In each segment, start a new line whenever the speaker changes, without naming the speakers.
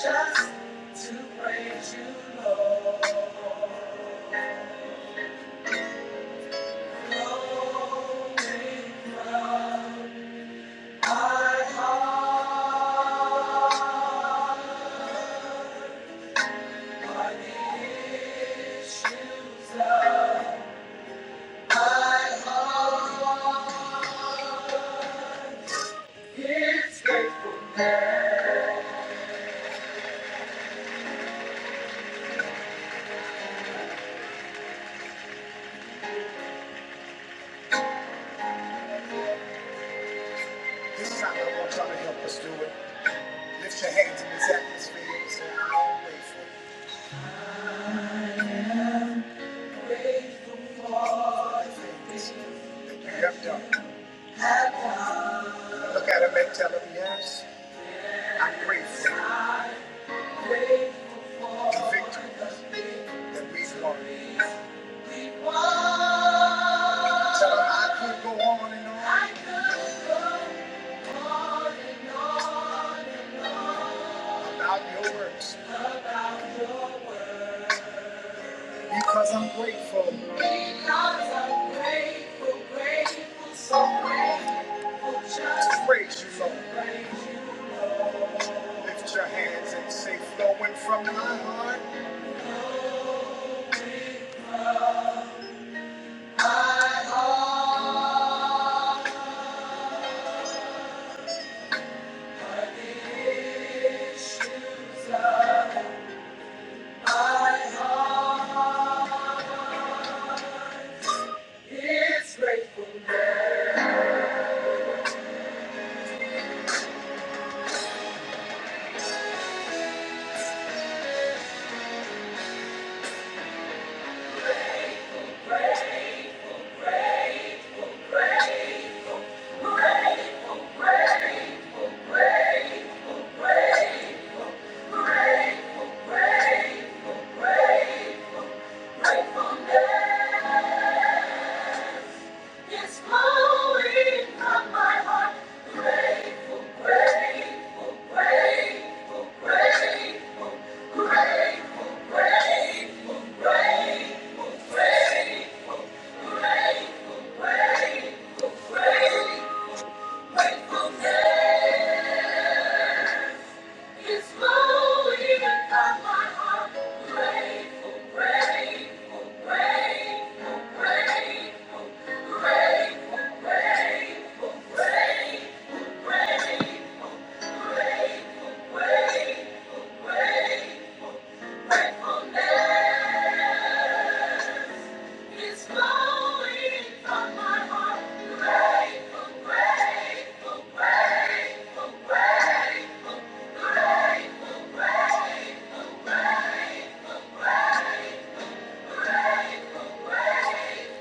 Just to praise you, Lord, Lord, This time I want y'all to help us do it. Lift your hands in this atmosphere and say, i grateful. That you have Look at him and tell him, yes, I'm grateful for the victories we've won. Tell 'em I could go on and on. I could go on and on and on. About your works. About your works. Because I'm grateful. Because I'm grateful, grateful, so grateful. Just praise you, Lord. Praise you, Lord. Lift your hands and say, flowing from my heart. My heart. Grateful, grateful, grateful, gratefulness. It's flowing from my heart. Grateful, grateful, grateful, grateful, grateful, grateful, grateful, grateful, grateful, grateful, grateful, gratefulness. It's flowing from my heart. Grateful, grateful, grateful, grateful, grateful.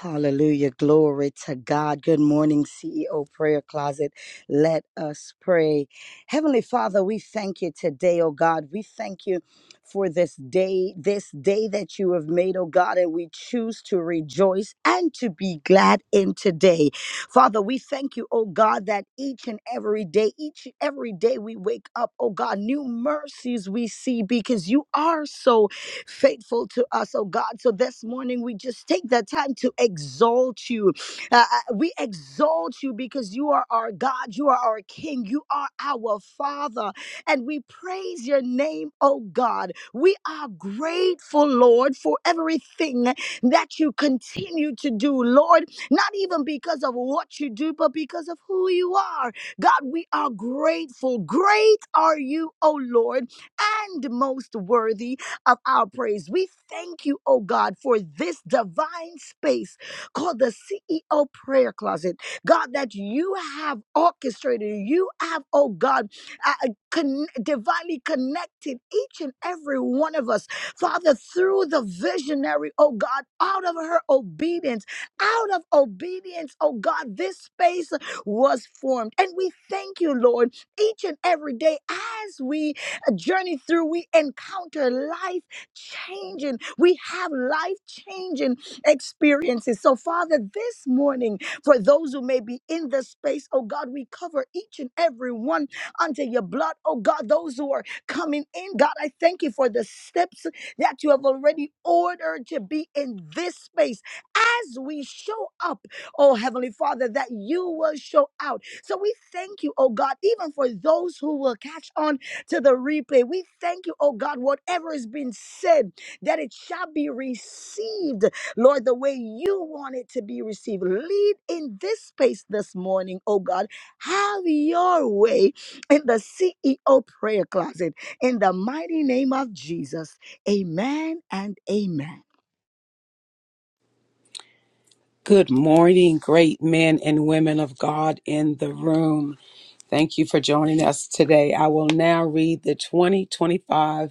Hallelujah. Glory to God. Good morning, CEO Prayer Closet. Let us pray. Heavenly Father, we thank you today, oh God. We thank you for this day, this day that you have made, oh God, and we choose to rejoice and to be glad in today. Father, we thank you, oh God, that each and every day, each and every day we wake up, oh God, new mercies we see because you are so faithful to us, oh God. So this morning, we just take that time to exalt you. Uh, uh, we exalt you because you are our God, you are our King, you are our Father, and we praise your name, oh God. We are grateful, Lord, for everything that you continue to do, Lord, not even because of what you do, but because of who you are. God, we are grateful. Great are you, oh Lord, and most worthy of our praise. We thank you, oh God, for this divine space called the CEO prayer closet. God, that you have orchestrated, you have, oh God, uh, uh, con- divinely connected each and every one of us, Father, through the visionary, oh God, out of her obedience, out of obedience, oh God, this space was formed. And we thank you, Lord, each and every day as we a journey through. We encounter life changing. We have life changing experiences. So, Father, this morning, for those who may be in the space, oh God, we cover each and every one under your blood. Oh God, those who are coming in, God, I thank you for the steps that you have already ordered to be in this space as we show up, oh Heavenly Father, that you will show out. So we thank you, oh God, even for those who will catch on to the replay. We thank you, oh God, whatever has been said, that it shall be received, Lord, the way you want it to be received. Lead in this space this morning, oh God. Have your way in the CEO prayer closet. In the mighty name of Jesus, amen and amen.
Good morning, great men and women of God in the room. Thank you for joining us today. I will now read the 2025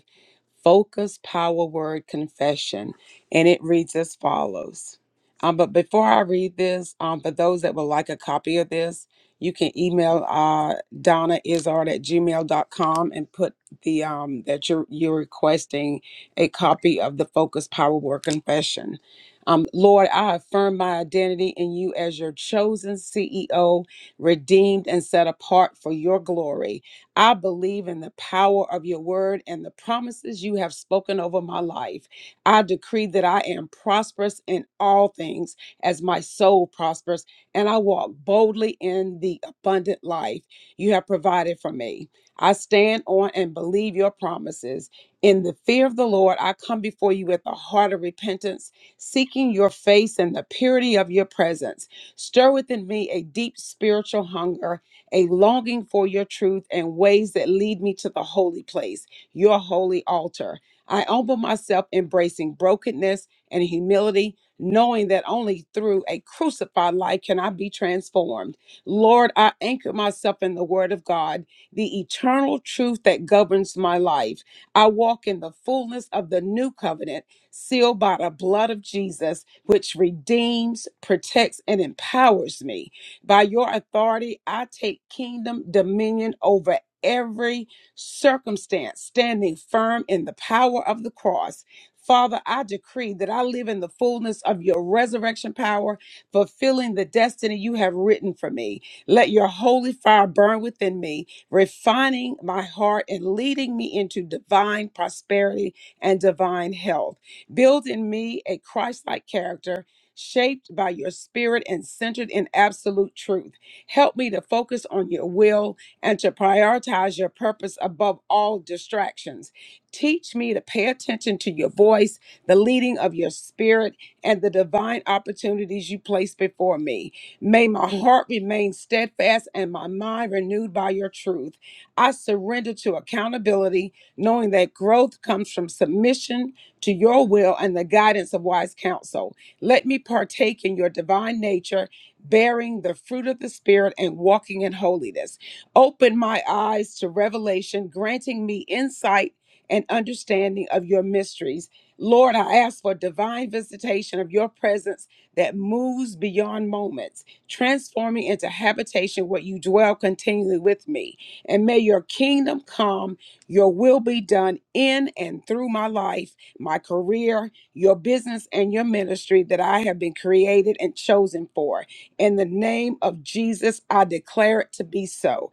Focus Power Word Confession, and it reads as follows. Um, but before I read this, um, for those that would like a copy of this, you can email uh, Donna Izard at gmail.com and put the um, that you're you're requesting a copy of the Focus Power Word Confession. Um, Lord, I affirm my identity in you as your chosen CEO, redeemed and set apart for your glory. I believe in the power of your word and the promises you have spoken over my life. I decree that I am prosperous in all things as my soul prospers, and I walk boldly in the abundant life you have provided for me. I stand on and believe your promises. In the fear of the Lord, I come before you with a heart of repentance, seeking your face and the purity of your presence. Stir within me a deep spiritual hunger a longing for your truth and ways that lead me to the holy place, your holy altar. I humble myself, embracing brokenness and humility, knowing that only through a crucified life can I be transformed. Lord, I anchor myself in the Word of God, the eternal truth that governs my life. I walk in the fullness of the new covenant, sealed by the blood of Jesus, which redeems, protects, and empowers me. By your authority, I take kingdom dominion over every circumstance, standing firm in the power of the cross. Father, I decree that I live in the fullness of your resurrection power, fulfilling the destiny you have written for me. Let your holy fire burn within me, refining my heart and leading me into divine prosperity and divine health. Build in me a Christ like character shaped by your spirit and centered in absolute truth. Help me to focus on your will and to prioritize your purpose above all distractions. Teach me to pay attention to your voice, the leading of your spirit, and the divine opportunities you place before me. May my heart remain steadfast and my mind renewed by your truth. I surrender to accountability, knowing that growth comes from submission to your will and the guidance of wise counsel. Let me partake in your divine nature, bearing the fruit of the Spirit and walking in holiness. Open my eyes to revelation, granting me insight and understanding of your mysteries. Lord, I ask for divine visitation of your presence that moves beyond moments, transforming into habitation where you dwell continually with me. And may your kingdom come, your will be done in and through my life, my career, your business, and your ministry that I have been created and chosen for. In the name of Jesus, I declare it to be so.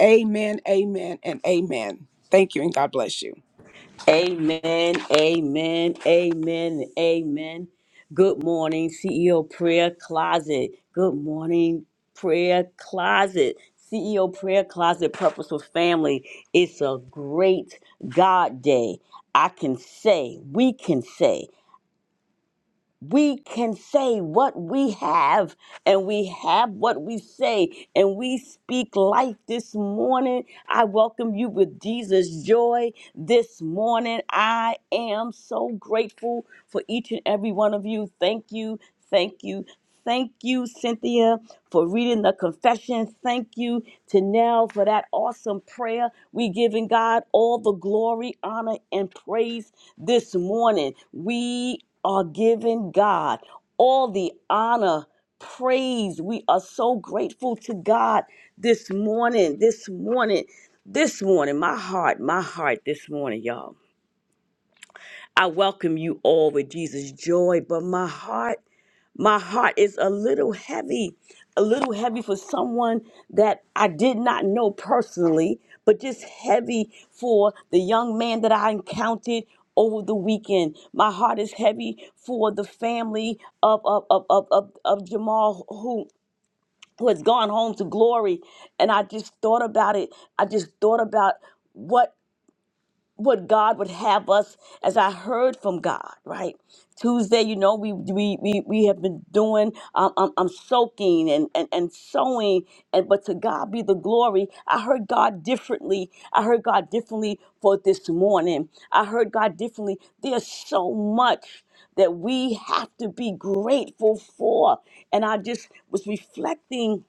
Amen, amen, and amen. Thank you, and God bless you.
Amen, amen, amen, amen. Good morning, CEO Prayer Closet. Good morning, Prayer Closet. CEO Prayer Closet Purposeful Family. It's a great God day. I can say, we can say. we can say what we have and we have what we say and we speak life this morning i welcome you with jesus joy this morning i am so grateful for each and every one of you thank you thank you thank you cynthia for reading the confession thank you to nell for that awesome prayer we giving god all the glory honor and praise this morning, we are giving God all the honor, praise. We are so grateful to God this morning, this morning, this morning. My heart, my heart this morning, y'all I welcome you all with Jesus' joy, but my heart, my heart is a little heavy, a little heavy for someone that I did not know personally, but just heavy for the young man that I encountered over the weekend. My heart is heavy for the family of of of of, of, of Jamal who who has gone home to glory. And I just thought about it. I just thought about what what God would have us as I heard from God, right? Tuesday, you know, we we we, we have been doing um, um, um soaking and, and and sowing and but to God be the glory. I heard God differently. I heard God differently for this morning. I heard God differently. There's so much that we have to be grateful for. And I just was reflecting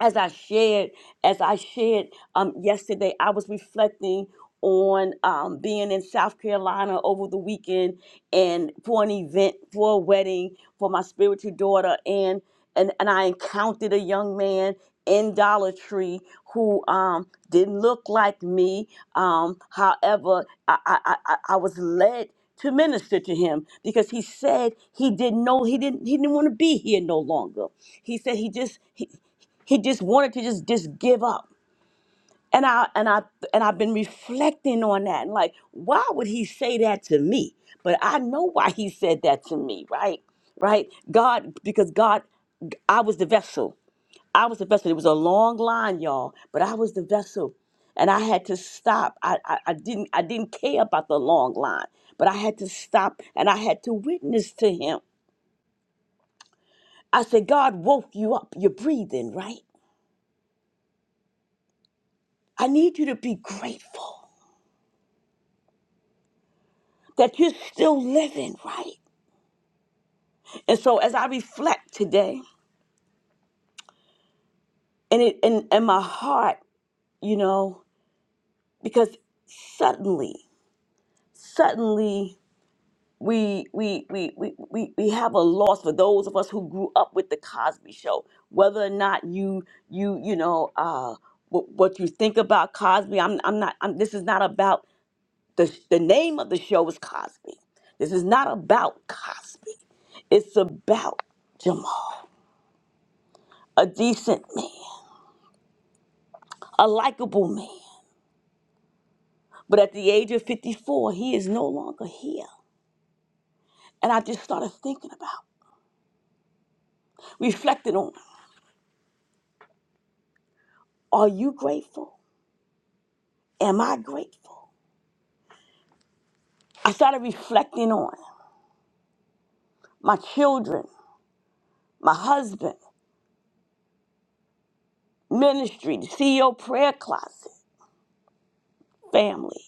as I shared, as I shared um, yesterday, I was reflecting on um, being in South Carolina over the weekend and for an event, for a wedding for my spiritual daughter, and and, and I encountered a young man in Dollar Tree who um, didn't look like me. Um, however, I, I, I, I I was led to minister to him because he said he didn't know he didn't he didn't want to be here no longer he said he just he, he just wanted to just just give up and i and i and i've been reflecting on that and like why would he say that to me but i know why he said that to me right right god because god i was the vessel i was the vessel it was a long line y'all but i was the vessel and i had to stop i i, I didn't i didn't care about the long line but i had to stop and i had to witness to him i said god woke you up you're breathing right i need you to be grateful that you're still living, right? And so as I reflect today, and it and, and my heart, you know, because suddenly, suddenly we we, we we we we have a loss for those of us who grew up with the Cosby show. Whether or not you you you know uh what, what you think about Cosby, I'm I'm not I'm, this is not about the the name of the show is Cosby. This is not about Cosby. It's about Jamal. a decent man, a likable man. But at the age of 54, he is no longer here. And I just started thinking about, reflecting on, are you grateful? Am I grateful? I started reflecting on my children, my husband, ministry, the CEO prayer closet, family,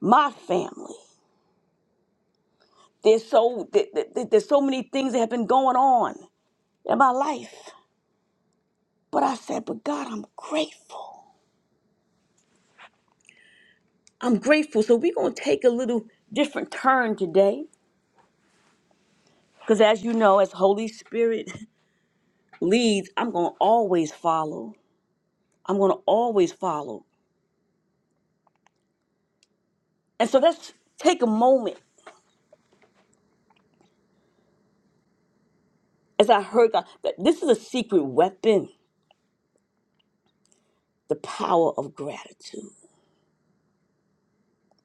my family. There's so there- there- there's so many things that have been going on in my life. But I said, but God, I'm grateful. I'm grateful. So we're going to take a little different turn today because as you know, as Holy Spirit leads, I'm going to always follow. I'm going to always follow. And so let's take a moment as I heard God. that This is a secret weapon, the power of gratitude.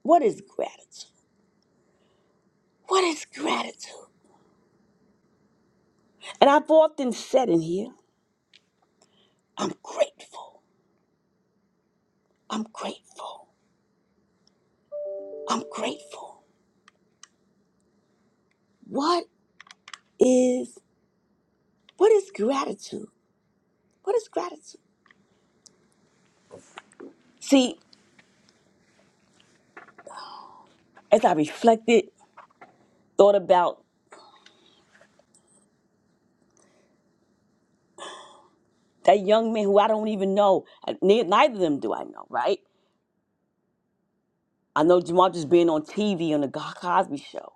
What is gratitude? What is gratitude? And I've often said in here, I'm grateful. I'm grateful. I'm grateful. What is what is gratitude? What is gratitude? See, as I reflected, thought about that young man who I don't even know, and ne- neither of them do I know, right? I know Jamal just being on TV on the Go- Cosby show,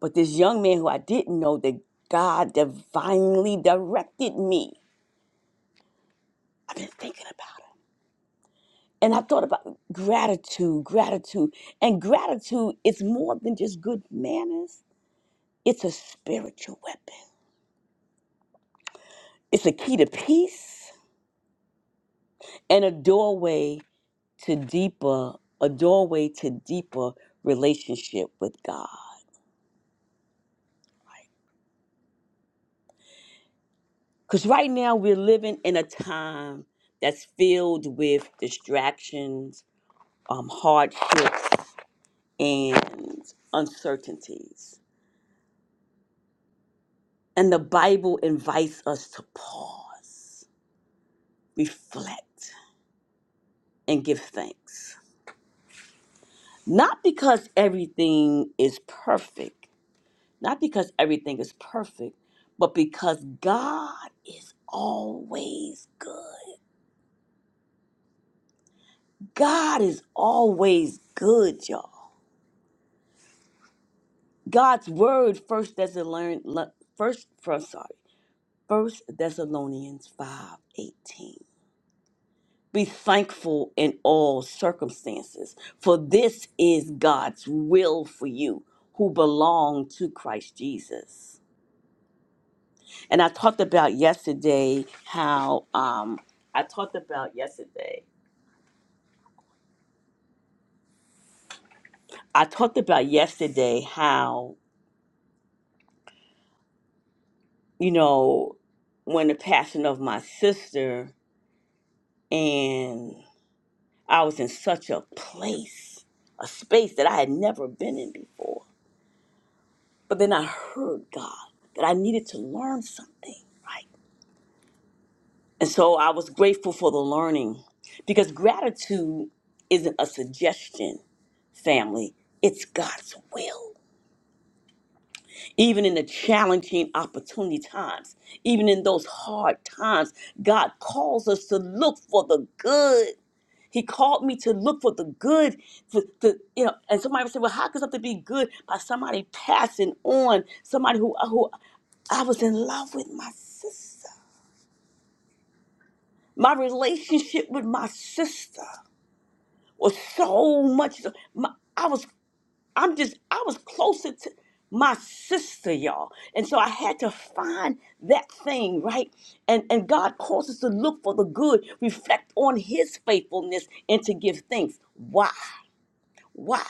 but this young man who I didn't know that God divinely directed me. I've been thinking about it. And I thought about gratitude, gratitude. And gratitude is more than just good manners, it's a spiritual weapon, it's a key to peace and a doorway to deeper, a doorway to deeper relationship with God. Because right now we're living in a time that's filled with distractions, um, hardships, and uncertainties. And the Bible invites us to pause, reflect, and give thanks. Not because everything is perfect, Not because everything is perfect, but because God is always good. God is always good, y'all. God's word, First Thessalonians, First, from sorry, First Thessalonians five eighteen. Be thankful in all circumstances, for this is God's will for you who belong to Christ Jesus. And I talked about yesterday how um I talked about yesterday. I talked about yesterday how, you know, when the passing of my sister and I was in such a place, a space that I had never been in before. But then I heard God that I needed to learn something, right? And so I was grateful for the learning because gratitude isn't a suggestion, family. It's God's will even in the challenging opportunity times, even in those hard times, God calls us to look for the good. He called me to look for the good. To, to, you know, and somebody would say, "Well, how could something be good by somebody passing on somebody who who I was in love with my sister. My relationship with my sister was so much. so, My, I was I'm just, I was closer to my sister, y'all. And so I had to find that thing, right? And and God calls us to look for the good, reflect on his faithfulness, and to give thanks. Why? Why?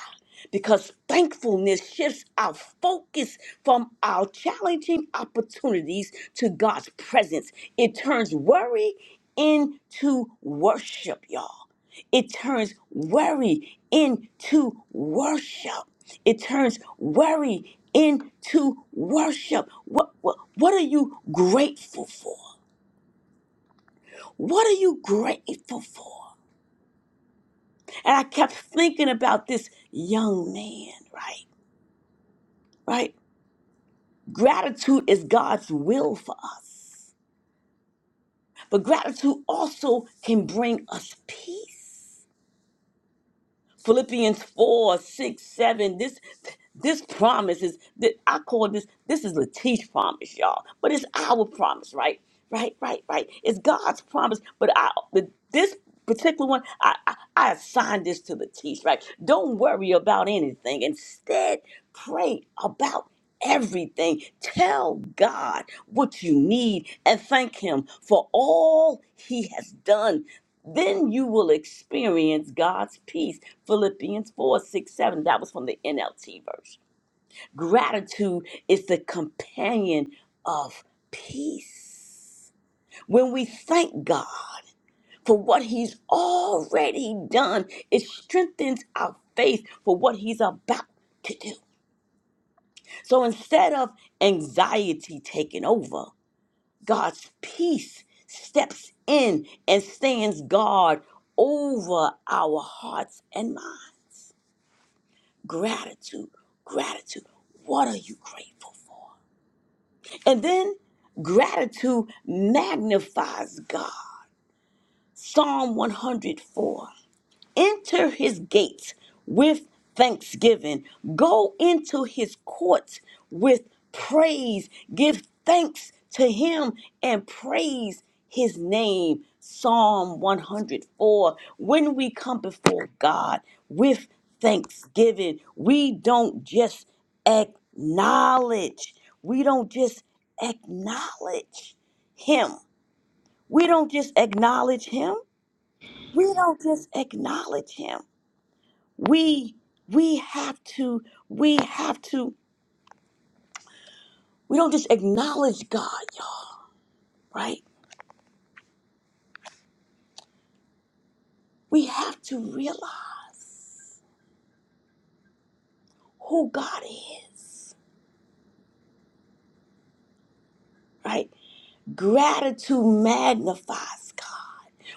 Because thankfulness shifts our focus from our challenging opportunities to God's presence. It turns worry into worship, y'all. It turns worry into worship. It turns worry into worship. What, what, what are you grateful for? What are you grateful for? And I kept thinking about this young man, right? Right? Gratitude is God's will for us, but gratitude also can bring us peace. Philippians 4 6 7. this this promise is that I call this this is Latish promise, y'all. But it's our promise, right? Right, right, right. It's God's promise, but I the, this particular one, I, I I assigned this to Latish, right? Don't worry about anything. Instead, pray about everything. Tell God what you need and thank Him for all He has done. Then you will experience God's peace. Philippians 4 6 7. That was from the NLT version. Gratitude is the companion of peace. When we thank God for what He's already done, it strengthens our faith for what He's about to do. So instead of anxiety taking over, God's peace steps in and stands guard over our hearts and minds. Gratitude, gratitude. What are you grateful for? And then gratitude magnifies God. Psalm 104. Enter his gates with thanksgiving. Go into his courts with praise. Give thanks to him and praise his name. Psalm 104. When we come before God with thanksgiving, we don't just acknowledge, we don't just acknowledge him. We don't just acknowledge him. We don't just acknowledge him. We we have to we have to we don't just acknowledge God, y'all, right? We have to realize who God is, right? Gratitude magnifies God.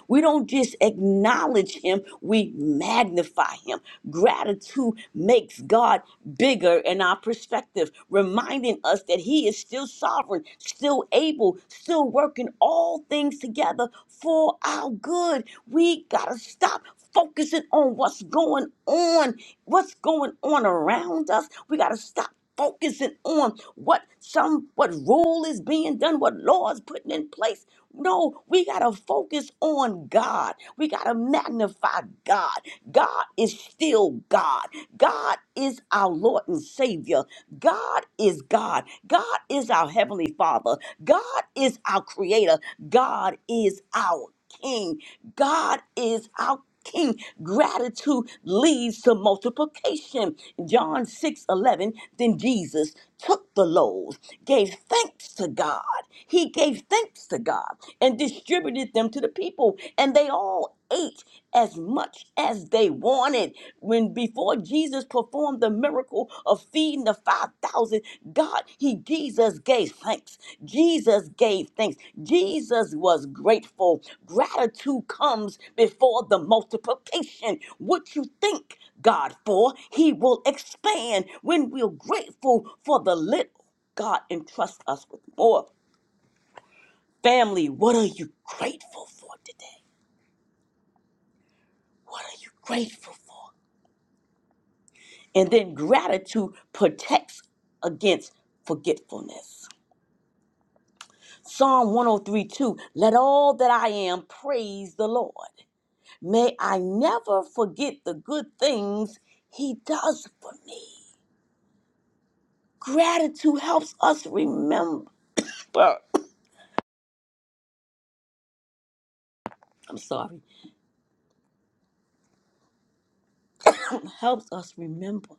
We don't just acknowledge him, we magnify him. Gratitude makes God bigger in our perspective, reminding us that he is still sovereign, still able, still working all things together for our good. We got to stop focusing on what's going on, what's going on around us. We got to stop focusing on what some what rule is being done, what law is putting in place. No, we gotta focus on God. We gotta magnify God. God is still God. God is our Lord and Savior. God is God. God is our Heavenly Father. God is our Creator. God is our King. God is our King. Gratitude leads to multiplication. John 6 11. Then Jesus took the loaves, gave thanks to God. He gave thanks to God and distributed them to the people, and they all ate as much as they wanted. When before Jesus performed the miracle of feeding the 5,000, God, He, Jesus gave thanks. Jesus gave thanks. Jesus was grateful. Gratitude comes before the multiplication. What you think God for, He will expand when we're grateful for the little God entrusts us with more. Family, what are you grateful for today? What are you grateful for? And then gratitude protects against forgetfulness. Psalm 103 2 Let all that I am praise the Lord. May I never forget the good things He does for me. Gratitude helps us remember. I'm sorry. helps us remember.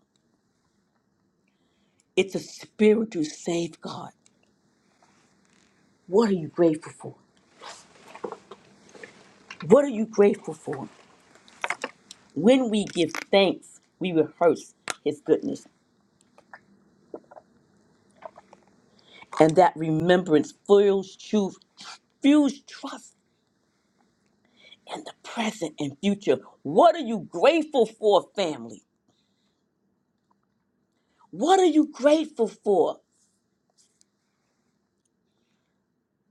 It's a spiritual safeguard. What are you grateful for? What are you grateful for? When we give thanks, we rehearse His goodness. And that remembrance fuels truth, fuels trust and the present and future. What are you grateful for, family? What are you grateful for?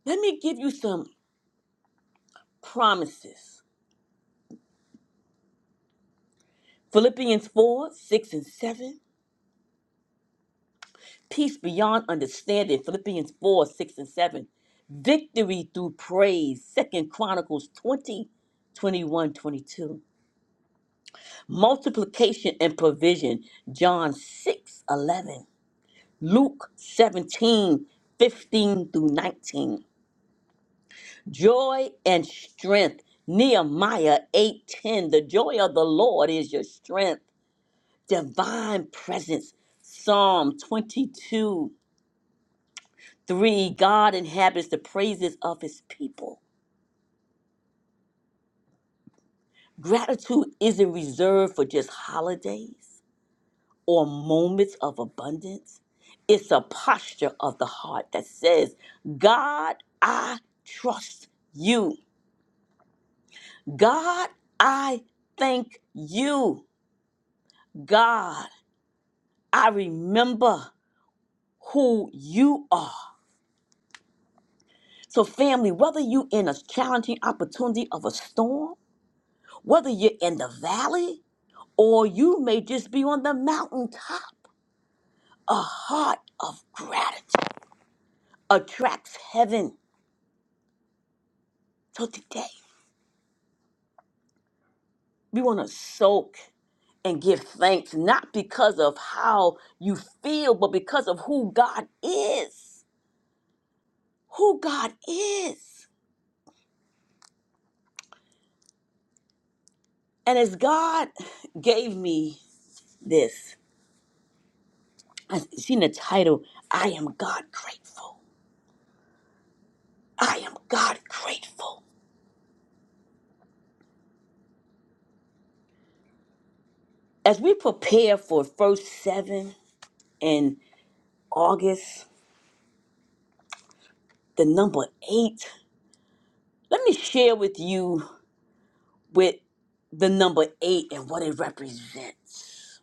Let me give you some promises. Philippians 4 6 and 7. Peace beyond understanding. Philippians 4 6 and 7. Victory through praise. Second Chronicles 20, 21, 22, Multiplication and provision. John 6 11, Luke 17 15 through 19. joy and strength. Nehemiah 8:10 The joy of the Lord is your strength. Divine presence. Psalm 22 3 God inhabits the praises of his people. Gratitude isn't reserved for just holidays or moments of abundance. It's a posture of the heart that says, God, I trust you. God, I thank you. God. I remember who you are. So, family, whether you in a challenging opportunity of a storm, whether you're in the valley, or you may just be on the mountaintop, a heart of gratitude attracts heaven. So today, we want to soak and give thanks, not because of how you feel, but because of who God is. Who God is. And as God gave me this, I seen the title, I Am God Grateful. I Am God Grateful. As we prepare for first seven in August, the number eight, let me share with you with the number eight and what it represents.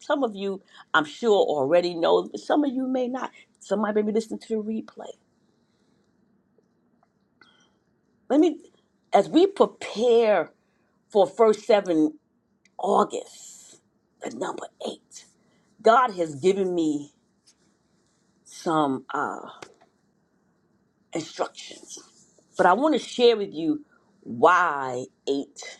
Some of you, I'm sure, already know, but some of you may not. Somebody may be listening to the replay. Let me, as we prepare for first seven August, the number eight, God has given me some uh, instructions. But I want to share with you why eight,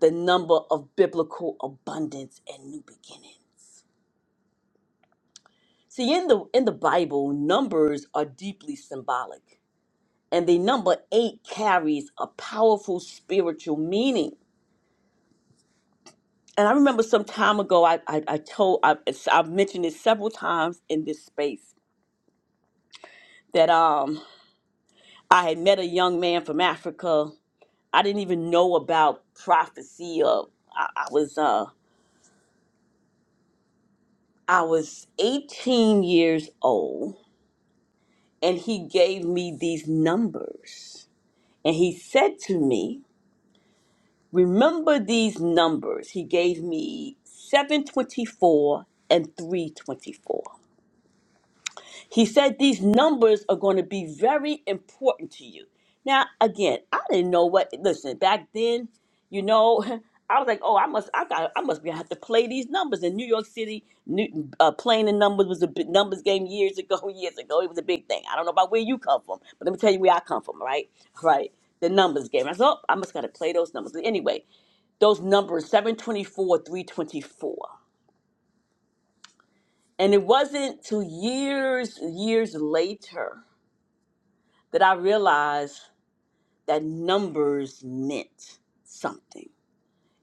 the number of biblical abundance and new beginning. See, in the in the Bible, numbers are deeply symbolic, and the number eight carries a powerful spiritual meaning. And I remember some time ago, I I, I told I, I've mentioned it several times in this space that um I had met a young man from Africa I didn't even know about prophecy. Of I, I was uh I was 18 years old, and he gave me these numbers, and he said to me, "Remember these numbers." He gave me 724 and 324. He said these numbers are going to be very important to you. Now, again, I didn't know what. Listen, back then, you know, I was like, oh, I must, I got, I must be have to play these numbers in New York City. New, uh, playing the numbers was a big numbers game years ago. Years ago, it was a big thing. I don't know about where you come from, but let me tell you where I come from. Right, right. The numbers game. I said, oh, I must gotta play those numbers. But Anyway, those numbers 724 324 and it wasn't till years years later that I realized that numbers meant something.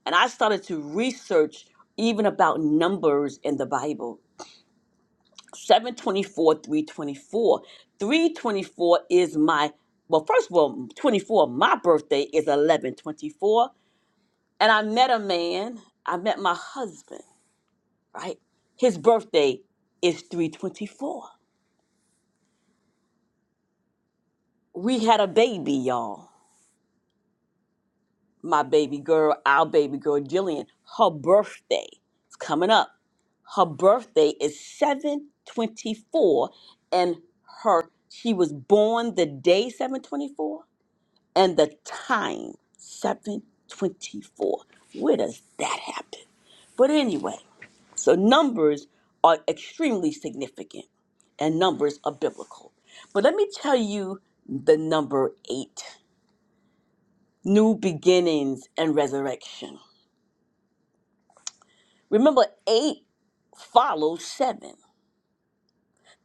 And I started to research even about numbers in the Bible. 724, 324. 324 is my, well, first of all, 24, my birthday is 1124. And I met a man, I met my husband, right? His birthday is 324. We had a baby, y'all. my baby girl, our baby girl, Jillian, her birthday is coming up. Her birthday is 724 and her she was born the day 724 and the time 724. Where does that happen? But anyway, so numbers are extremely significant and numbers are biblical. But let me tell you the number 8, new beginnings and resurrection. Remember, eight follows seven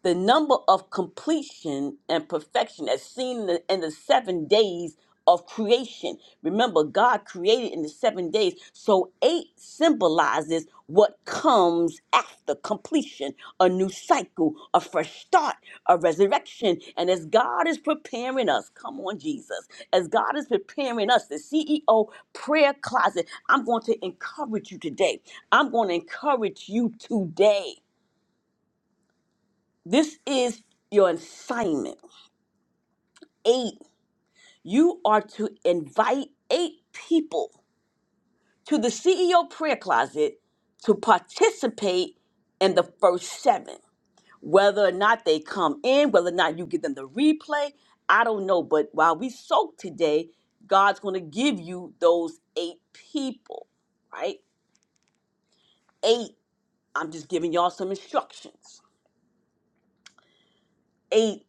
the number of completion and perfection as seen in the, in the seven days of creation. Remember, God created in the seven days. So, eight symbolizes what comes after completion a new cycle, a fresh start, a resurrection. And as God is preparing us, come on, Jesus, as God is preparing us, the CEO prayer closet, I'm going to encourage you today. I'm going to encourage you today this is your assignment. Eight, you are to invite eight people to the CEO prayer closet to participate in the first seven. Whether or not they come in, whether or not you give them the replay, I don't know. But while we soak today, God's going to give you those eight people, right? Eight. I'm just giving y'all some instructions. Eight.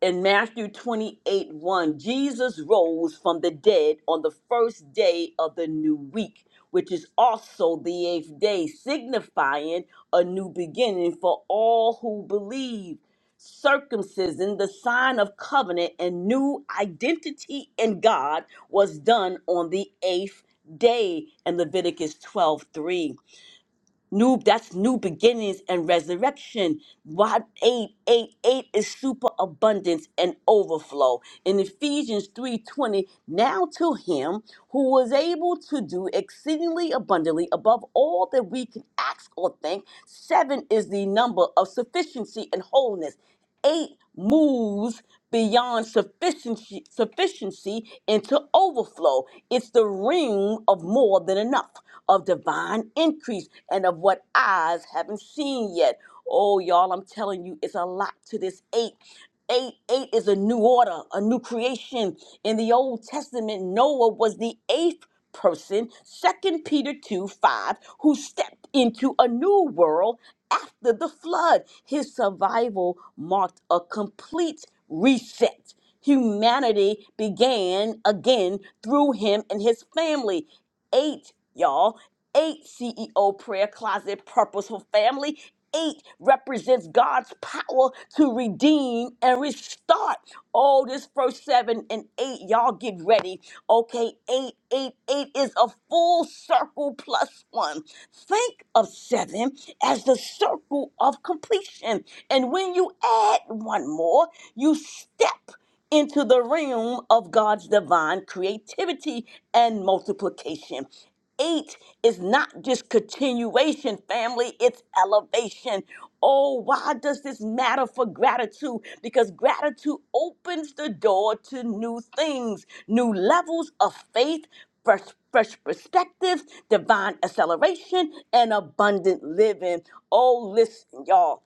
in Matthew 28 1, Jesus rose from the dead on the first day of the new week, which is also the eighth day, signifying a new beginning for all who believe. Circumcision, the sign of covenant and new identity in God, was done on the eighth day in Leviticus 12 3. New, that's new beginnings and resurrection. What 8, 8, 8 is super abundance and overflow. In Ephesians 3:20, now to him who was able to do exceedingly abundantly above all that we can ask or think. Seven is the number of sufficiency and wholeness eight moves beyond sufficiency, sufficiency into overflow. It's the ring of more than enough, of divine increase, and of what eyes haven't seen yet. Oh, y'all, I'm telling you, it's a lot to this eight. Eight, eight is a new order, a new creation. In the Old Testament, Noah was the eighth person, Second Peter 2 5, who stepped into a new world after the flood. His survival marked a complete reset. Humanity began again through him and his family. Eight, y'all. Eight CEO prayer closet purposeful family. Eight represents God's power to redeem and restart. Oh, this first seven and eight, y'all get ready. Okay, eight, eight, eight is a full circle plus one. Think of seven as the circle of completion. And when you add one more, you step into the realm of God's divine creativity and multiplication. Eight is not just continuation, family, it's elevation. Oh, why does this matter for gratitude? Because gratitude opens the door to new things, new levels of faith, fresh, fresh perspectives, divine acceleration, and abundant living. Oh, listen, y'all.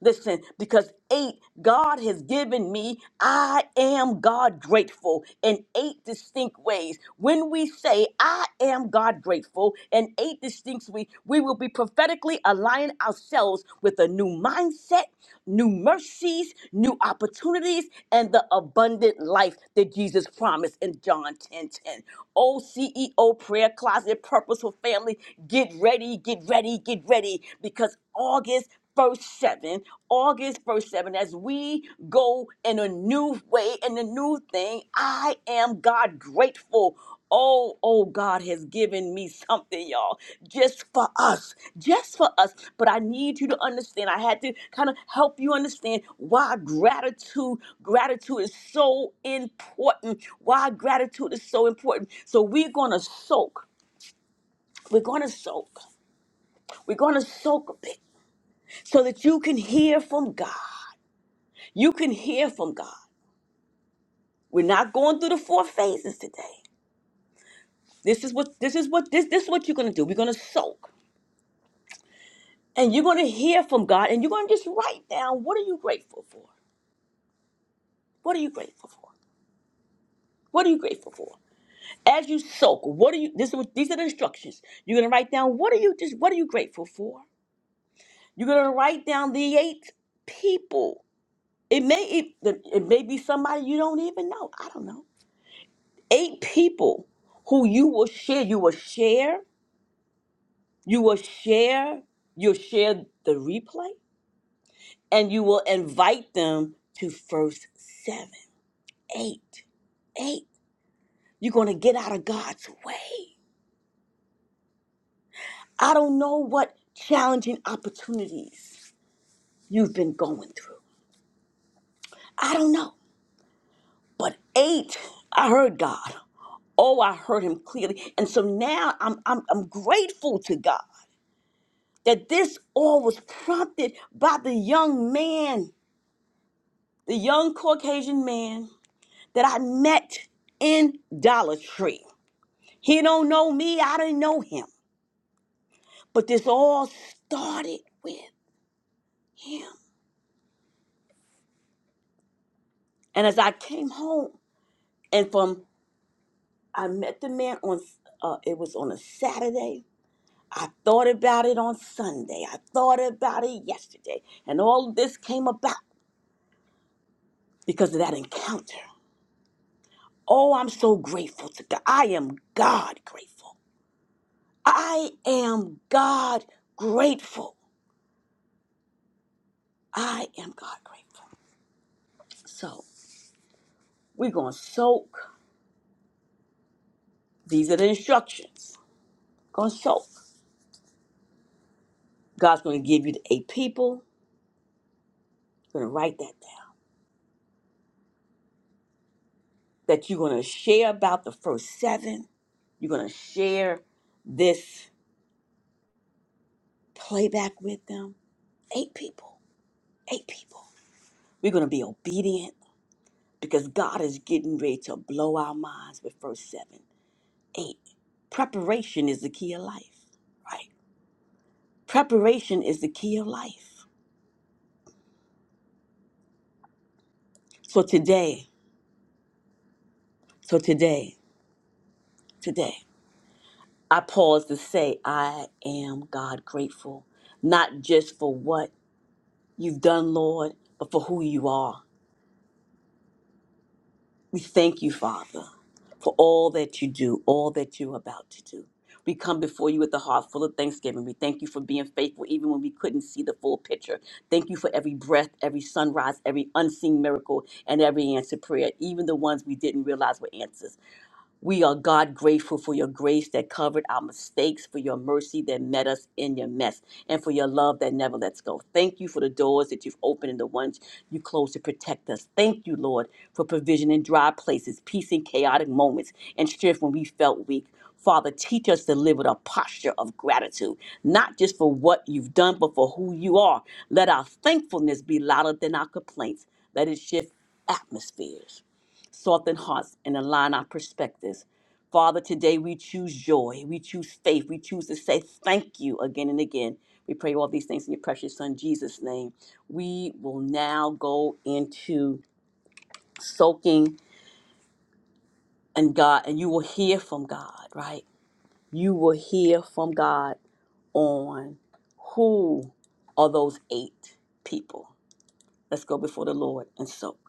Listen, because eight, God has given me, I am God grateful in eight distinct ways. When we say, I am God grateful in eight distinct ways, we will be prophetically aligning ourselves with a new mindset, new mercies, new opportunities, and the abundant life that Jesus promised in John ten ten. 10. Oh, CEO prayer closet, purposeful family, get ready, get ready, get ready, because August verse 7, August verse 7, as we go in a new way, in a new thing, I am God grateful. Oh, oh, God has given me something, y'all, just for us, just for us. But I need you to understand, I had to kind of help you understand why gratitude, gratitude is so important, why gratitude is so important. So we're going to soak, we're going to soak, we're going to soak a bit so that you can hear from God. You can hear from God. We're not going through the four phases today. This is what this is what this this is what you're gonna do. We're gonna soak. And you're gonna hear from God and you're gonna just write down what are you grateful for? What are you grateful for? What are you grateful for? As you soak, what are you this is what these are the instructions. You're gonna write down what are you just what are you grateful for? You're gonna write down the eight people. It may it, it may be somebody you don't even know. I don't know. Eight people who you will share. You will share. You will share, you'll share the replay, and you will invite them to first seven, eight, eight. You're going to get out of God's way. I don't know what challenging opportunities you've been going through. I don't know. But eight, I heard God. Oh, I heard him clearly. And so now I'm, I'm, I'm grateful to God that this all was prompted by the young man, the young Caucasian man that I met in Dollar Tree. He don't know me, I didn't know him. But this all started with him. And as I came home and from I met the man on uh, it was on a Saturday. I thought about it on Sunday. I thought about it yesterday. And all of this came about because of that encounter. Oh, I'm so grateful to God. I am God grateful. I am God grateful. I am God grateful. So we're going to soak. These are the instructions. Going to soak. God's going to give you the eight people. You're going to write that down. That you're going to share about the first seven. You're going to share this playback with them. Eight people. Eight people. We're going to be obedient because God is getting ready to blow our minds with first seven. Eight. Preparation is the key of life, right? Preparation is the key of life. So today, so today, today. I pause to say, I am God grateful, not just for what you've done, Lord, but for who you are. We thank you, Father, for all that you do, all that you're about to do. We come before you with a heart full of thanksgiving. We thank you for being faithful even when we couldn't see the full picture. Thank you for every breath, every sunrise, every unseen miracle, and every answered prayer, even the ones we didn't realize were answers. We are God grateful for your grace that covered our mistakes, for your mercy that met us in your mess, and for your love that never lets go. Thank you for the doors that you've opened and the ones you closed to protect us. Thank you, Lord, for provision in dry places, peace in chaotic moments, and strength when we felt weak. Father, teach us to live with a posture of gratitude, not just for what you've done, but for who you are. Let our thankfulness be louder than our complaints. Let it shift atmospheres soften hearts and align our perspectives. Father, today we choose joy. We choose faith. We choose to say thank you again and again. We pray all these things in your precious Son, Jesus' name. We will now go into soaking in God, and you will hear from God, right? You will hear from God on who are those eight people. Let's go before the Lord and soak.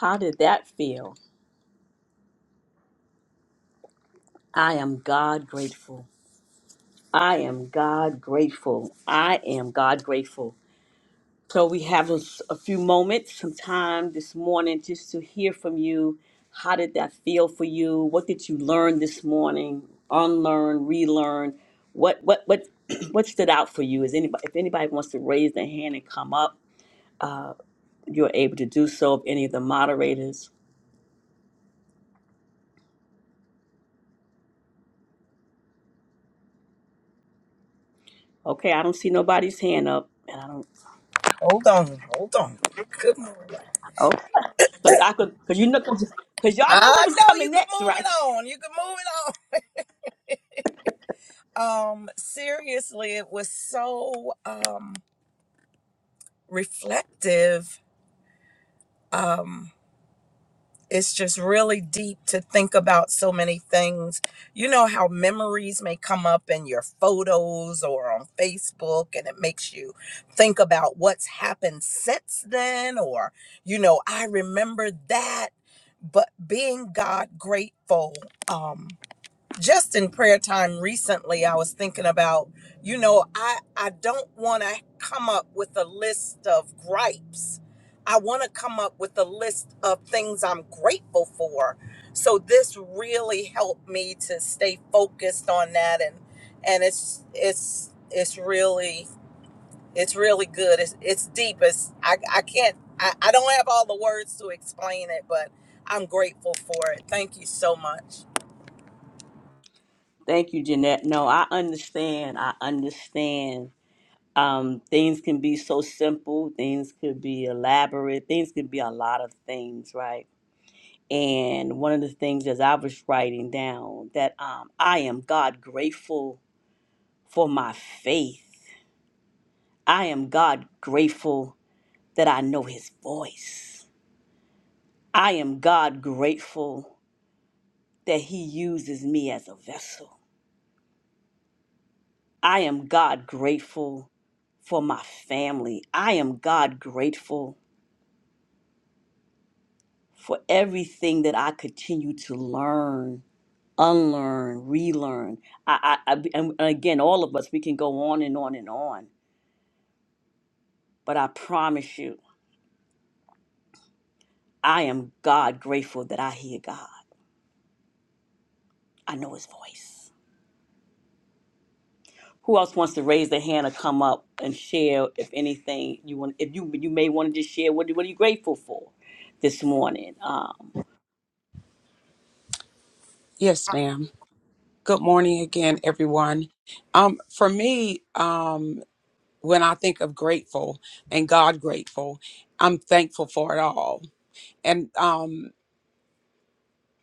How did that feel? I am God grateful. I am God grateful. I am God grateful. So we have a, s- a few moments, some time this morning just to hear from you. How did that feel for you? What did you learn this morning? Unlearn, relearn. What what what what stood out for you? Is anybody if anybody wants to raise their hand and come up, uh, you're able to do so. If any of the moderators, okay, I don't see nobody's hand up, and I don't.
Hold on, hold on. Good morning.
Okay, because I could because you know because y'all know what
I
was
know you
coming
could
next,
move it
right?
on. You could move it on. Um, seriously, it was so um reflective. Um, it's just really deep to think about so many things. You know how memories may come up in your photos or on Facebook, and it makes you think about what's happened since then, or you know, I remember that. But being God grateful. Um, just in prayer time recently i was thinking about you know i i don't want to come up with a list of gripes i want to come up with a list of things i'm grateful for so this really helped me to stay focused on that and and it's it's it's really it's really good it's it's deep it's i i can't i, I don't have all the words to explain it but i'm grateful for it thank you so much
Thank you, Jeanette. No, I understand. I understand. Um, things can be so simple, things could be elaborate, things could be a lot of things, right? And one of the things as I was writing down that um, I am God grateful for my faith. I am God grateful that I know His voice. I am God grateful that He uses me as a vessel. I am God grateful for my family. I am God grateful for everything that I continue to learn, unlearn, relearn. I, I, I, and again, all of us, we can go on and on and on. But I promise you, I am God grateful that I hear God. I know His voice. Who else wants to raise their hand or come up and share? If anything, you want, if you you may want to just share, what what are you grateful for this morning? Um.
Yes, ma'am. Good morning again, everyone. Um, for me, um, when I think of grateful and God grateful, I'm thankful for it all. And um,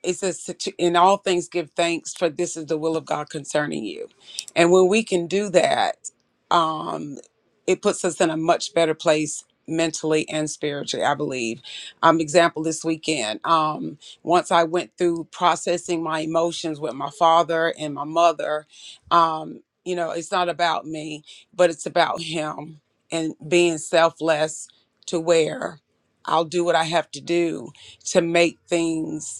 it says to, to- in all things give thanks for this is the will of god concerning you and when we can do that um it puts us in a much better place mentally and spiritually i believe um example this weekend um once i went through processing my emotions with my father and my mother um you know it's not about me but it's about him and being selfless to where i'll do what i have to do to make things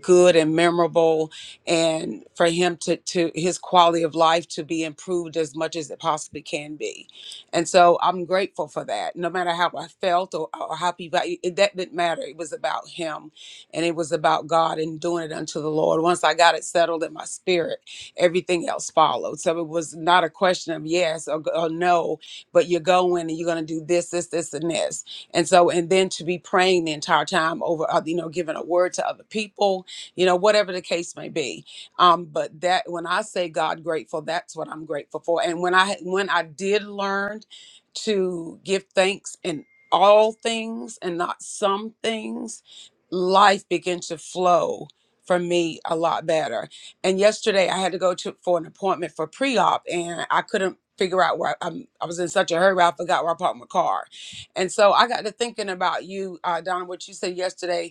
good and memorable and for him to to his quality of life to be improved as much as it possibly can be and so i'm grateful for that no matter how i felt or, or how people it, that didn't matter it was about him and it was about god and doing it unto the lord once i got it settled in my spirit everything else followed so it was not a question of yes or, or no but you're going and you're going to do this this this and this and so and then to be praying the entire time over uh, you know giving a word to other people you know, whatever the case may be. Um, but that when I say God grateful, that's what I'm grateful for. And when I when I did learn to give thanks in all things and not some things, life began to flow for me a lot better. And yesterday I had to go to for an appointment for pre-op and I couldn't figure out where I, I was in such a hurry I forgot where I parked my car. And so I got to thinking about you, uh, Donna, what you said yesterday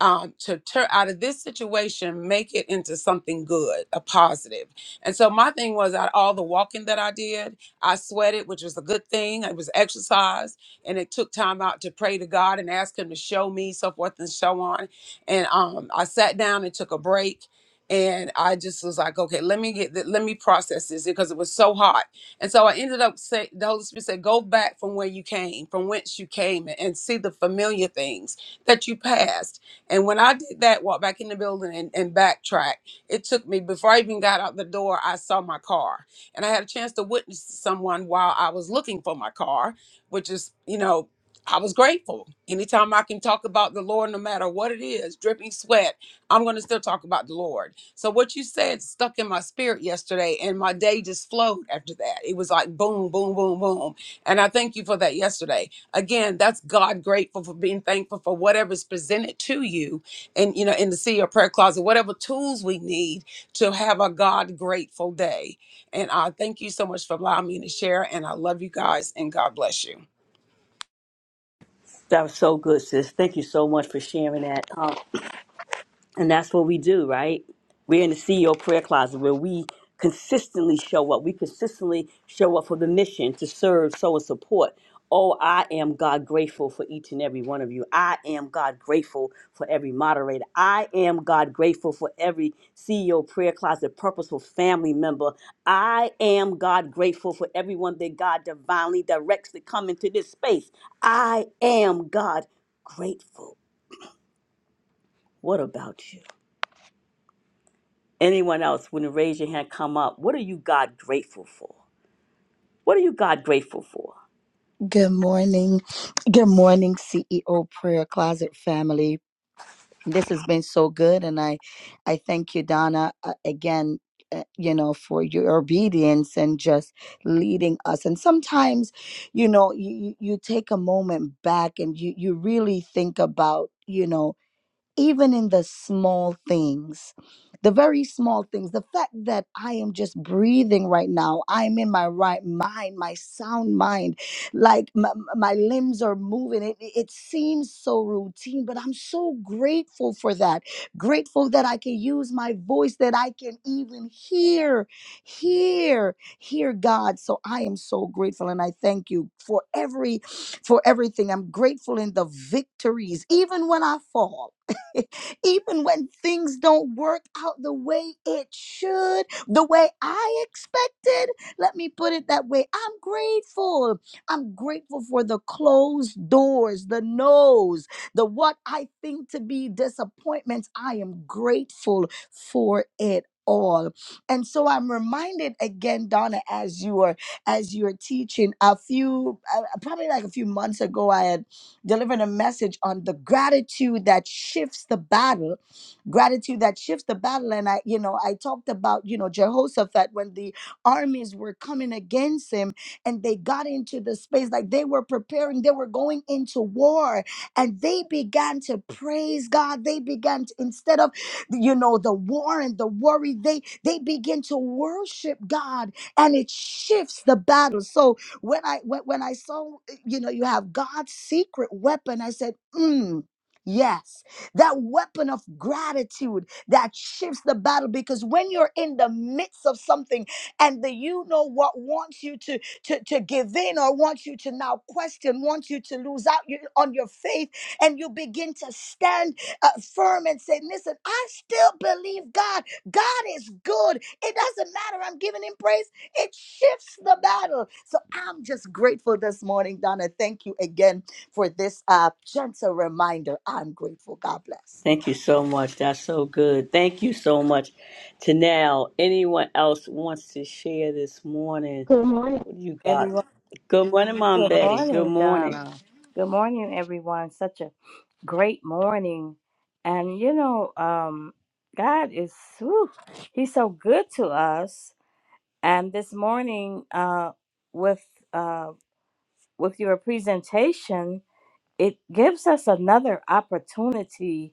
um, to turn out of this situation, make it into something good, a positive. And so my thing was out of all the walking that I did, I sweated, which was a good thing. It was exercise, and it took time out to pray to God and ask Him to show me, so forth and so on. And um, I sat down and took a break. And I just was like, okay, let me get, th- let me process this because it was so hot. And so I ended up saying, the Holy Spirit said, go back from where you came, from whence you came, and and see the familiar things that you passed and when I did that, walk back in the building and, and backtrack, it took me, before I even got out the door, I saw my car. And I had a chance to witness someone while I was looking for my car, which is, you know, I was grateful. Anytime I can talk about the Lord, no matter what it is, dripping sweat, I'm going to still talk about the Lord. So, what you said stuck in my spirit yesterday, and my day just flowed after that. It was like boom, boom, boom, boom. And I thank you for that yesterday. Again, that's God grateful for being thankful for whatever's presented to you, and you know, in the sea or prayer closet, whatever tools we need to have a God grateful day. And I thank you so much for allowing me to share, and I love you guys, and God bless you.
That was so good, sis. Thank you so much for sharing that. Um, and that's what we do, right? We're in the CEO prayer closet where we consistently show up. We consistently show up for the mission to serve, sow, and support. Oh, I am God grateful for each and every one of you. I am God grateful for every moderator. I am God grateful for every CEO prayer closet purposeful family member. I am God grateful for everyone that God divinely directs to come into this space. I am God grateful. What about you? Anyone else, when you raise your hand, come up. What are you God grateful for? What are you God grateful for?
Good morning. Good morning, CEO Prayer Closet family. this has been so good and i i thank you donna uh, again uh, you know for your obedience and just leading us and sometimes you know you you you take a moment back and you you really think about you know even in the small things, the very small things, the fact that I am just breathing right now, I'm in my right mind, my sound mind, like my, my limbs are moving. It, it it seems so routine, but I'm so grateful for that. Grateful that I can use my voice, that I can even hear, hear, hear God. So I am so grateful and I thank you for every for everything. I'm grateful in the victories, even when I fall. Even when things don't work out the way it should, the way I expected, let me put it that way. I'm grateful. I'm grateful for the closed doors, the no's, the what I think to be disappointments. I am grateful for it all and so i'm reminded again donna as you are as you're teaching a few uh, probably like a few months ago I had delivering a message on the gratitude that shifts the battle gratitude that shifts the battle and i you know i talked about you know jehoshaphat when the armies were coming against him and they got into the space like they were preparing they were going into war and they began to praise god they began to instead of you know the war and the worry they they begin to worship god and it shifts the battle so when i when, when i saw you know, you have God's secret weapon. I said, mm, yes, that weapon of gratitude that shifts the battle. Because when you're in the midst of something and the you know what wants you to, to, to give in or wants you to now question, wants you to lose out you- on your faith, and you begin to stand uh, firm and say, listen, I still believe God. God is good. It doesn't matter. I'm giving him praise. It shifts the battle. So I'm just grateful this morning, Donna. Thank you again for this uh, gentle reminder. I'm grateful. God bless.
Thank you so much. That's so good. Thank you so much. To now, anyone else wants to share this morning?
Good morning,
What do you got?
everyone.
Good morning, Mom
Good
Betty. Good
morning,
morning.
Donna. Good morning, everyone. Such a great morning. And you know, um, God is whew, He's so good to us. And this morning, uh, with uh, with your presentation, it gives us another opportunity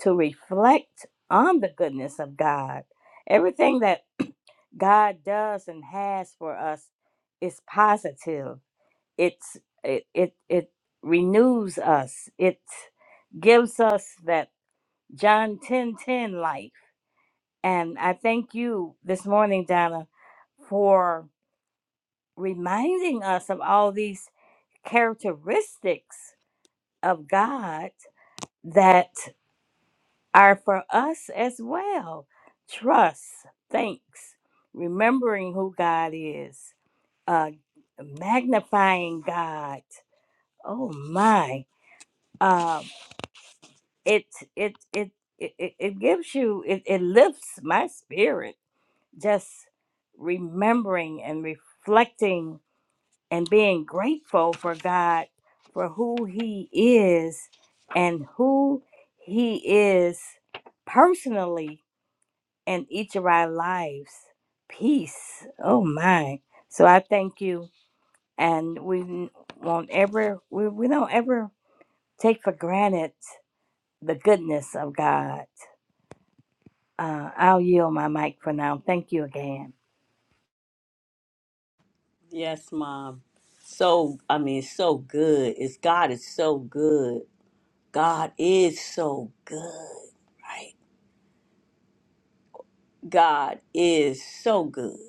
to reflect on the goodness of God. Everything that God does and has for us is positive it's it it, it renews us it gives us that john ten ten life and i thank you this morning donna for reminding us of all these characteristics of god that are for us as well trust thanks remembering who god is uh magnifying god oh my Uh, it it it it, it it gives you it, it lifts my spirit just remembering and reflecting and being grateful for god for who he is and who he is personally in each of our lives peace oh my so i thank you and we won't ever we, we don't ever take for granted the goodness of god Uh, I'll yield my mic for now. Thank you again.
Yes, Mom. So, I mean, so good. It's God is so good. God is so good, right? God is so good.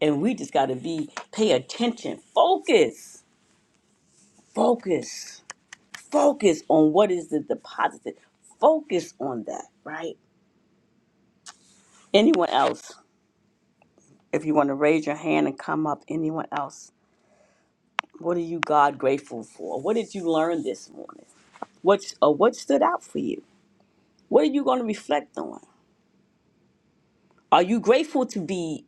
and we just got to be pay attention focus focus focus on what is the deposited focus on that right anyone else if you want to raise your hand and come up anyone else what are you god grateful for what did you learn this morning what's or what stood out for you what are you going to reflect on are you grateful to be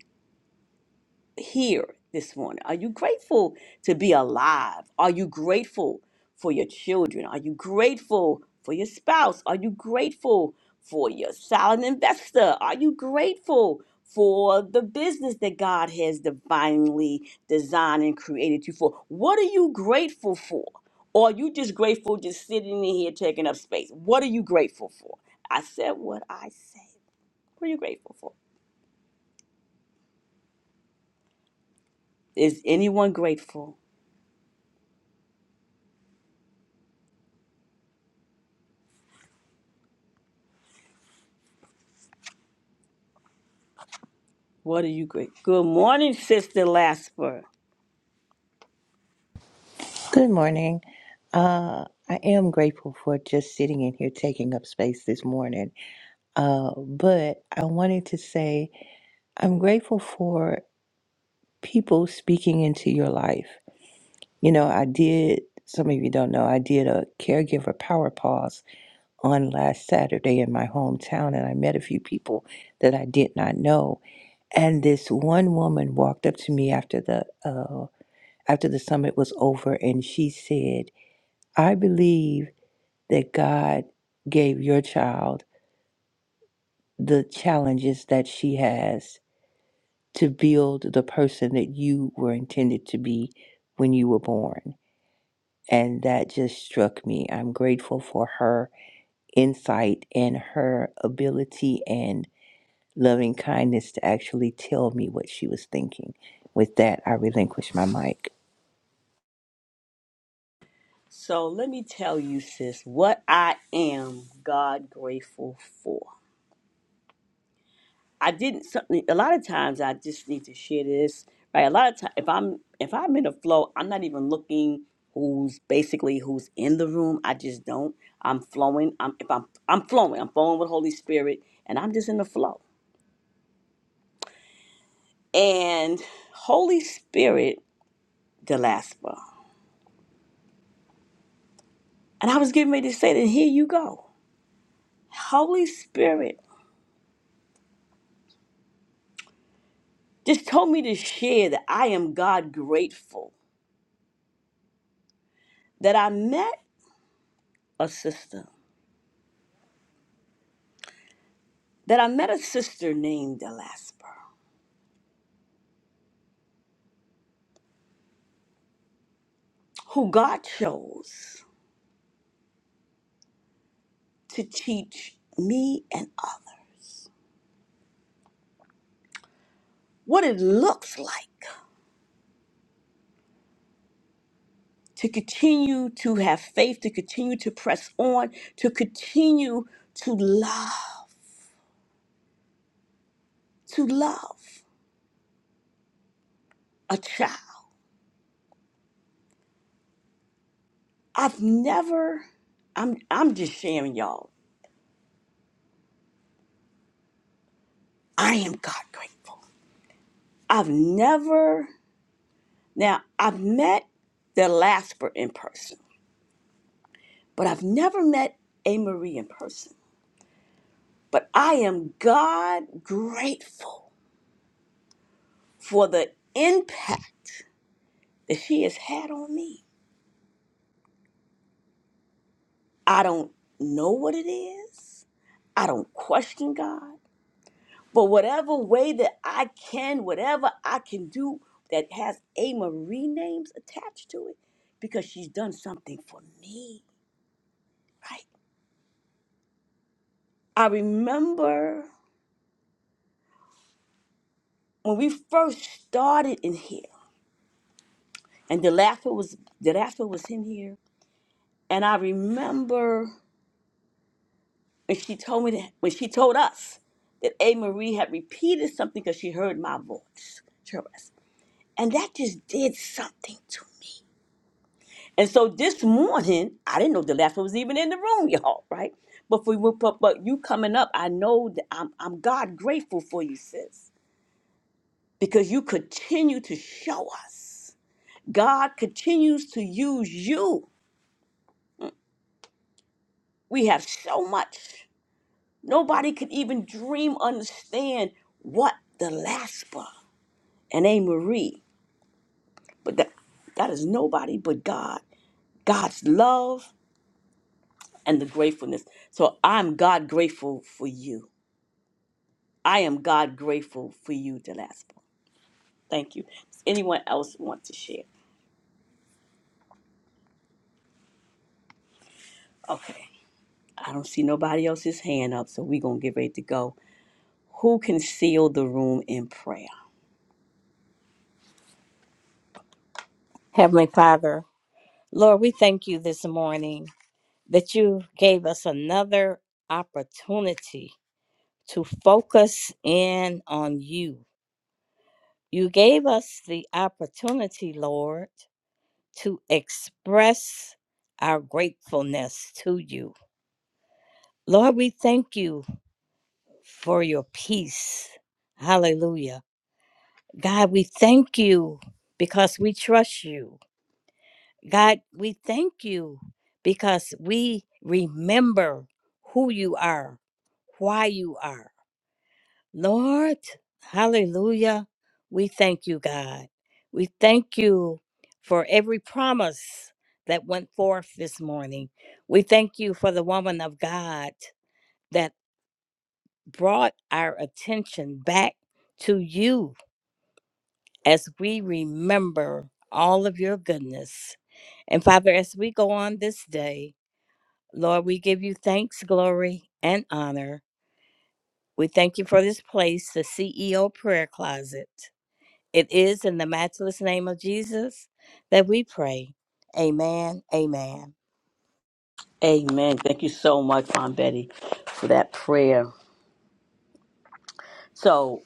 here this morning? Are you grateful to be alive? Are you grateful for your children? Are you grateful for your spouse? Are you grateful for your silent investor? Are you grateful for the business that God has divinely designed and created you for? What are you grateful for? Or are you just grateful just sitting in here taking up space? What are you grateful for? I said what I said. What are you grateful for? Is anyone grateful? What are you great? Good morning, Sister Lasper.
Good morning. Uh, I am grateful for just sitting in here taking up space this morning. Uh, but I wanted to say I'm grateful for people speaking into your life. You know, I did, some of you don't know, I did a caregiver power pause on last Saturday in my hometown, and I met a few people that I did not know. And this one woman walked up to me after the, uh, after the summit was over, and she said, I believe. that God gave your child the challenges that she has to build the person that you were intended to be when you were born. And that just struck me. I'm grateful for her insight and her ability and loving kindness to actually tell me what she was thinking. With that, I relinquish my mic.
So let me tell you, sis, what I am God grateful for. I didn't something. A lot of times, I just need to share this. Right. A lot of times, if I'm if I'm in a flow, I'm not even looking who's basically who's in the room. I just don't. I'm flowing. I'm if I'm I'm flowing. I'm flowing with Holy Spirit, and I'm just in the flow. And Holy Spirit, Delaspa. And I was getting ready to say that here you go. Holy Spirit just told me to share that I am God grateful that I met a sister, that I met a sister named Delasper, who God chose to teach me and others what it looks like to continue to have faith, to continue to press on, to continue to love, to love a child. I've never, I'm, I'm just sharing y'all. I am God grateful. I've never, now I've met the Lasper in person, but I've never met A. Marie in person. But I am God grateful for the impact that she has had on me. I don't know what it is, I don't question God, but whatever way that I can, whatever I can do that has A. Marie names attached to it, because she's done something for me, right? I remember when we first started in here, and the was the was in here, and I remember when she told me that when she told us that A Marie had repeated something because she heard my voice, Tress, and that just did something to me. And so this morning, I didn't know the was even in the room, y'all, right? But for but, but you coming up, I know that I'm I'm God grateful for you, sis, because you continue to show us. God continues to use you We have so much. Nobody could even dream, understand what the Laspa and A. Marie, but that, that is nobody but God. God's love and the gratefulness. So I'm God grateful for you. I am God grateful for you, Delaspa. Thank you. Does anyone else want to share? Okay. I don't see nobody else's hand up, so we're going to get ready to go. Who can seal the room in prayer?
Heavenly Father, Lord, we thank you this morning that you gave us another opportunity to focus in on you. You gave us the opportunity, Lord, to express our gratefulness to you. Lord, we thank you for your peace. Hallelujah. God, we thank you because we trust you. God, we thank you because we remember who you are, why you are. Lord, hallelujah. We thank you, God. We thank you for every promise that went forth this morning. We thank you for the woman of God that brought our attention back to you as we remember all of your goodness. And Father, as we go on this day, Lord, we give you thanks, glory, and honor. We thank you for this place, the CEO prayer closet. It is in the matchless name of Jesus that we pray. Amen. Amen.
Amen. Thank you so much, Aunt Betty, for that prayer. So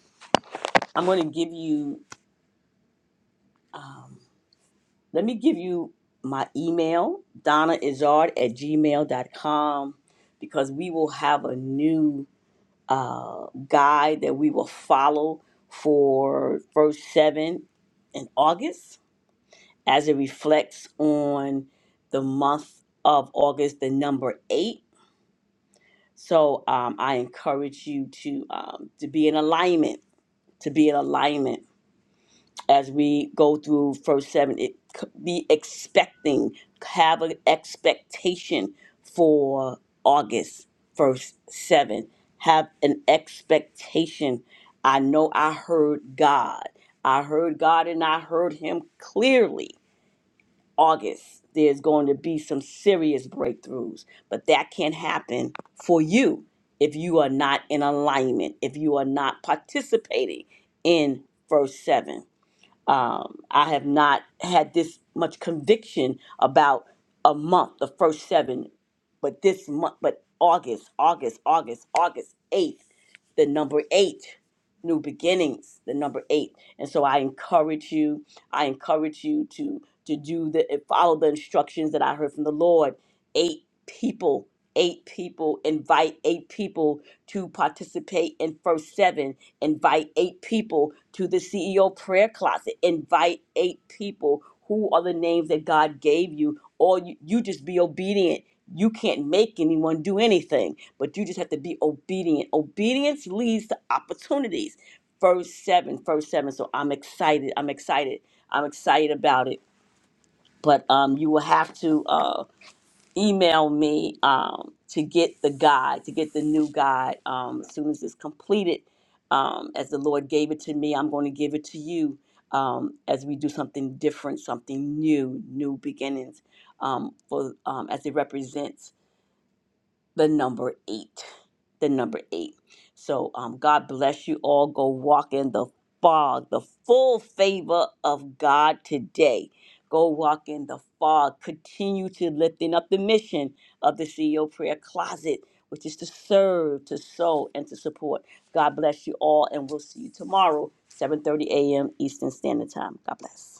I'm going to give you, let me give you my email, donnaizard at gmail.com, because we will have a new uh, guide that we will follow for first seven in August as it reflects on the month of August, the number eight. So um, I encourage you to um, to be in alignment to be in alignment as we go through first seven it c- be expecting have an expectation for august first seven have an expectation i know i heard god i heard god and i heard him clearly August, there's going to be some serious breakthroughs, but that can happen for you if you are not in alignment, if you are not participating in verse 7 um, I have not had this much conviction about a month, the first seven, but this month, but August, August, August, August 8th, the number eight, new beginnings, the number eight. And so I encourage you, I encourage you to to do the uh, follow the instructions that I heard from the Lord. Eight people, eight people, invite eight people to participate in first seven Invite eight people to the CEO prayer closet. Invite eight people. Who are the names that God gave you? Or you, you just be obedient. You can't make anyone do anything, but you just have to be obedient. Obedience leads to opportunities. Verse seven, verse seven. So I'm excited. I'm excited. I'm excited about it. But um, you will have to. Uh, email me um, to get the guide, to get the new guide. Um, as soon as it's completed, um, as the Lord gave it to me, I'm going to give it to you um, as we do something different, something new, new beginnings um, for um, as it represents the number eight. The number eight. So um, God bless you all. Go walk in the fog, the full favor of God today. Go walk in the fog. Continue to lifting up the mission of the CEO Prayer Closet, which is to serve, to sow, and to support. God bless you all, and we'll see you tomorrow, 7:30 a.m. Eastern Standard Time. God bless.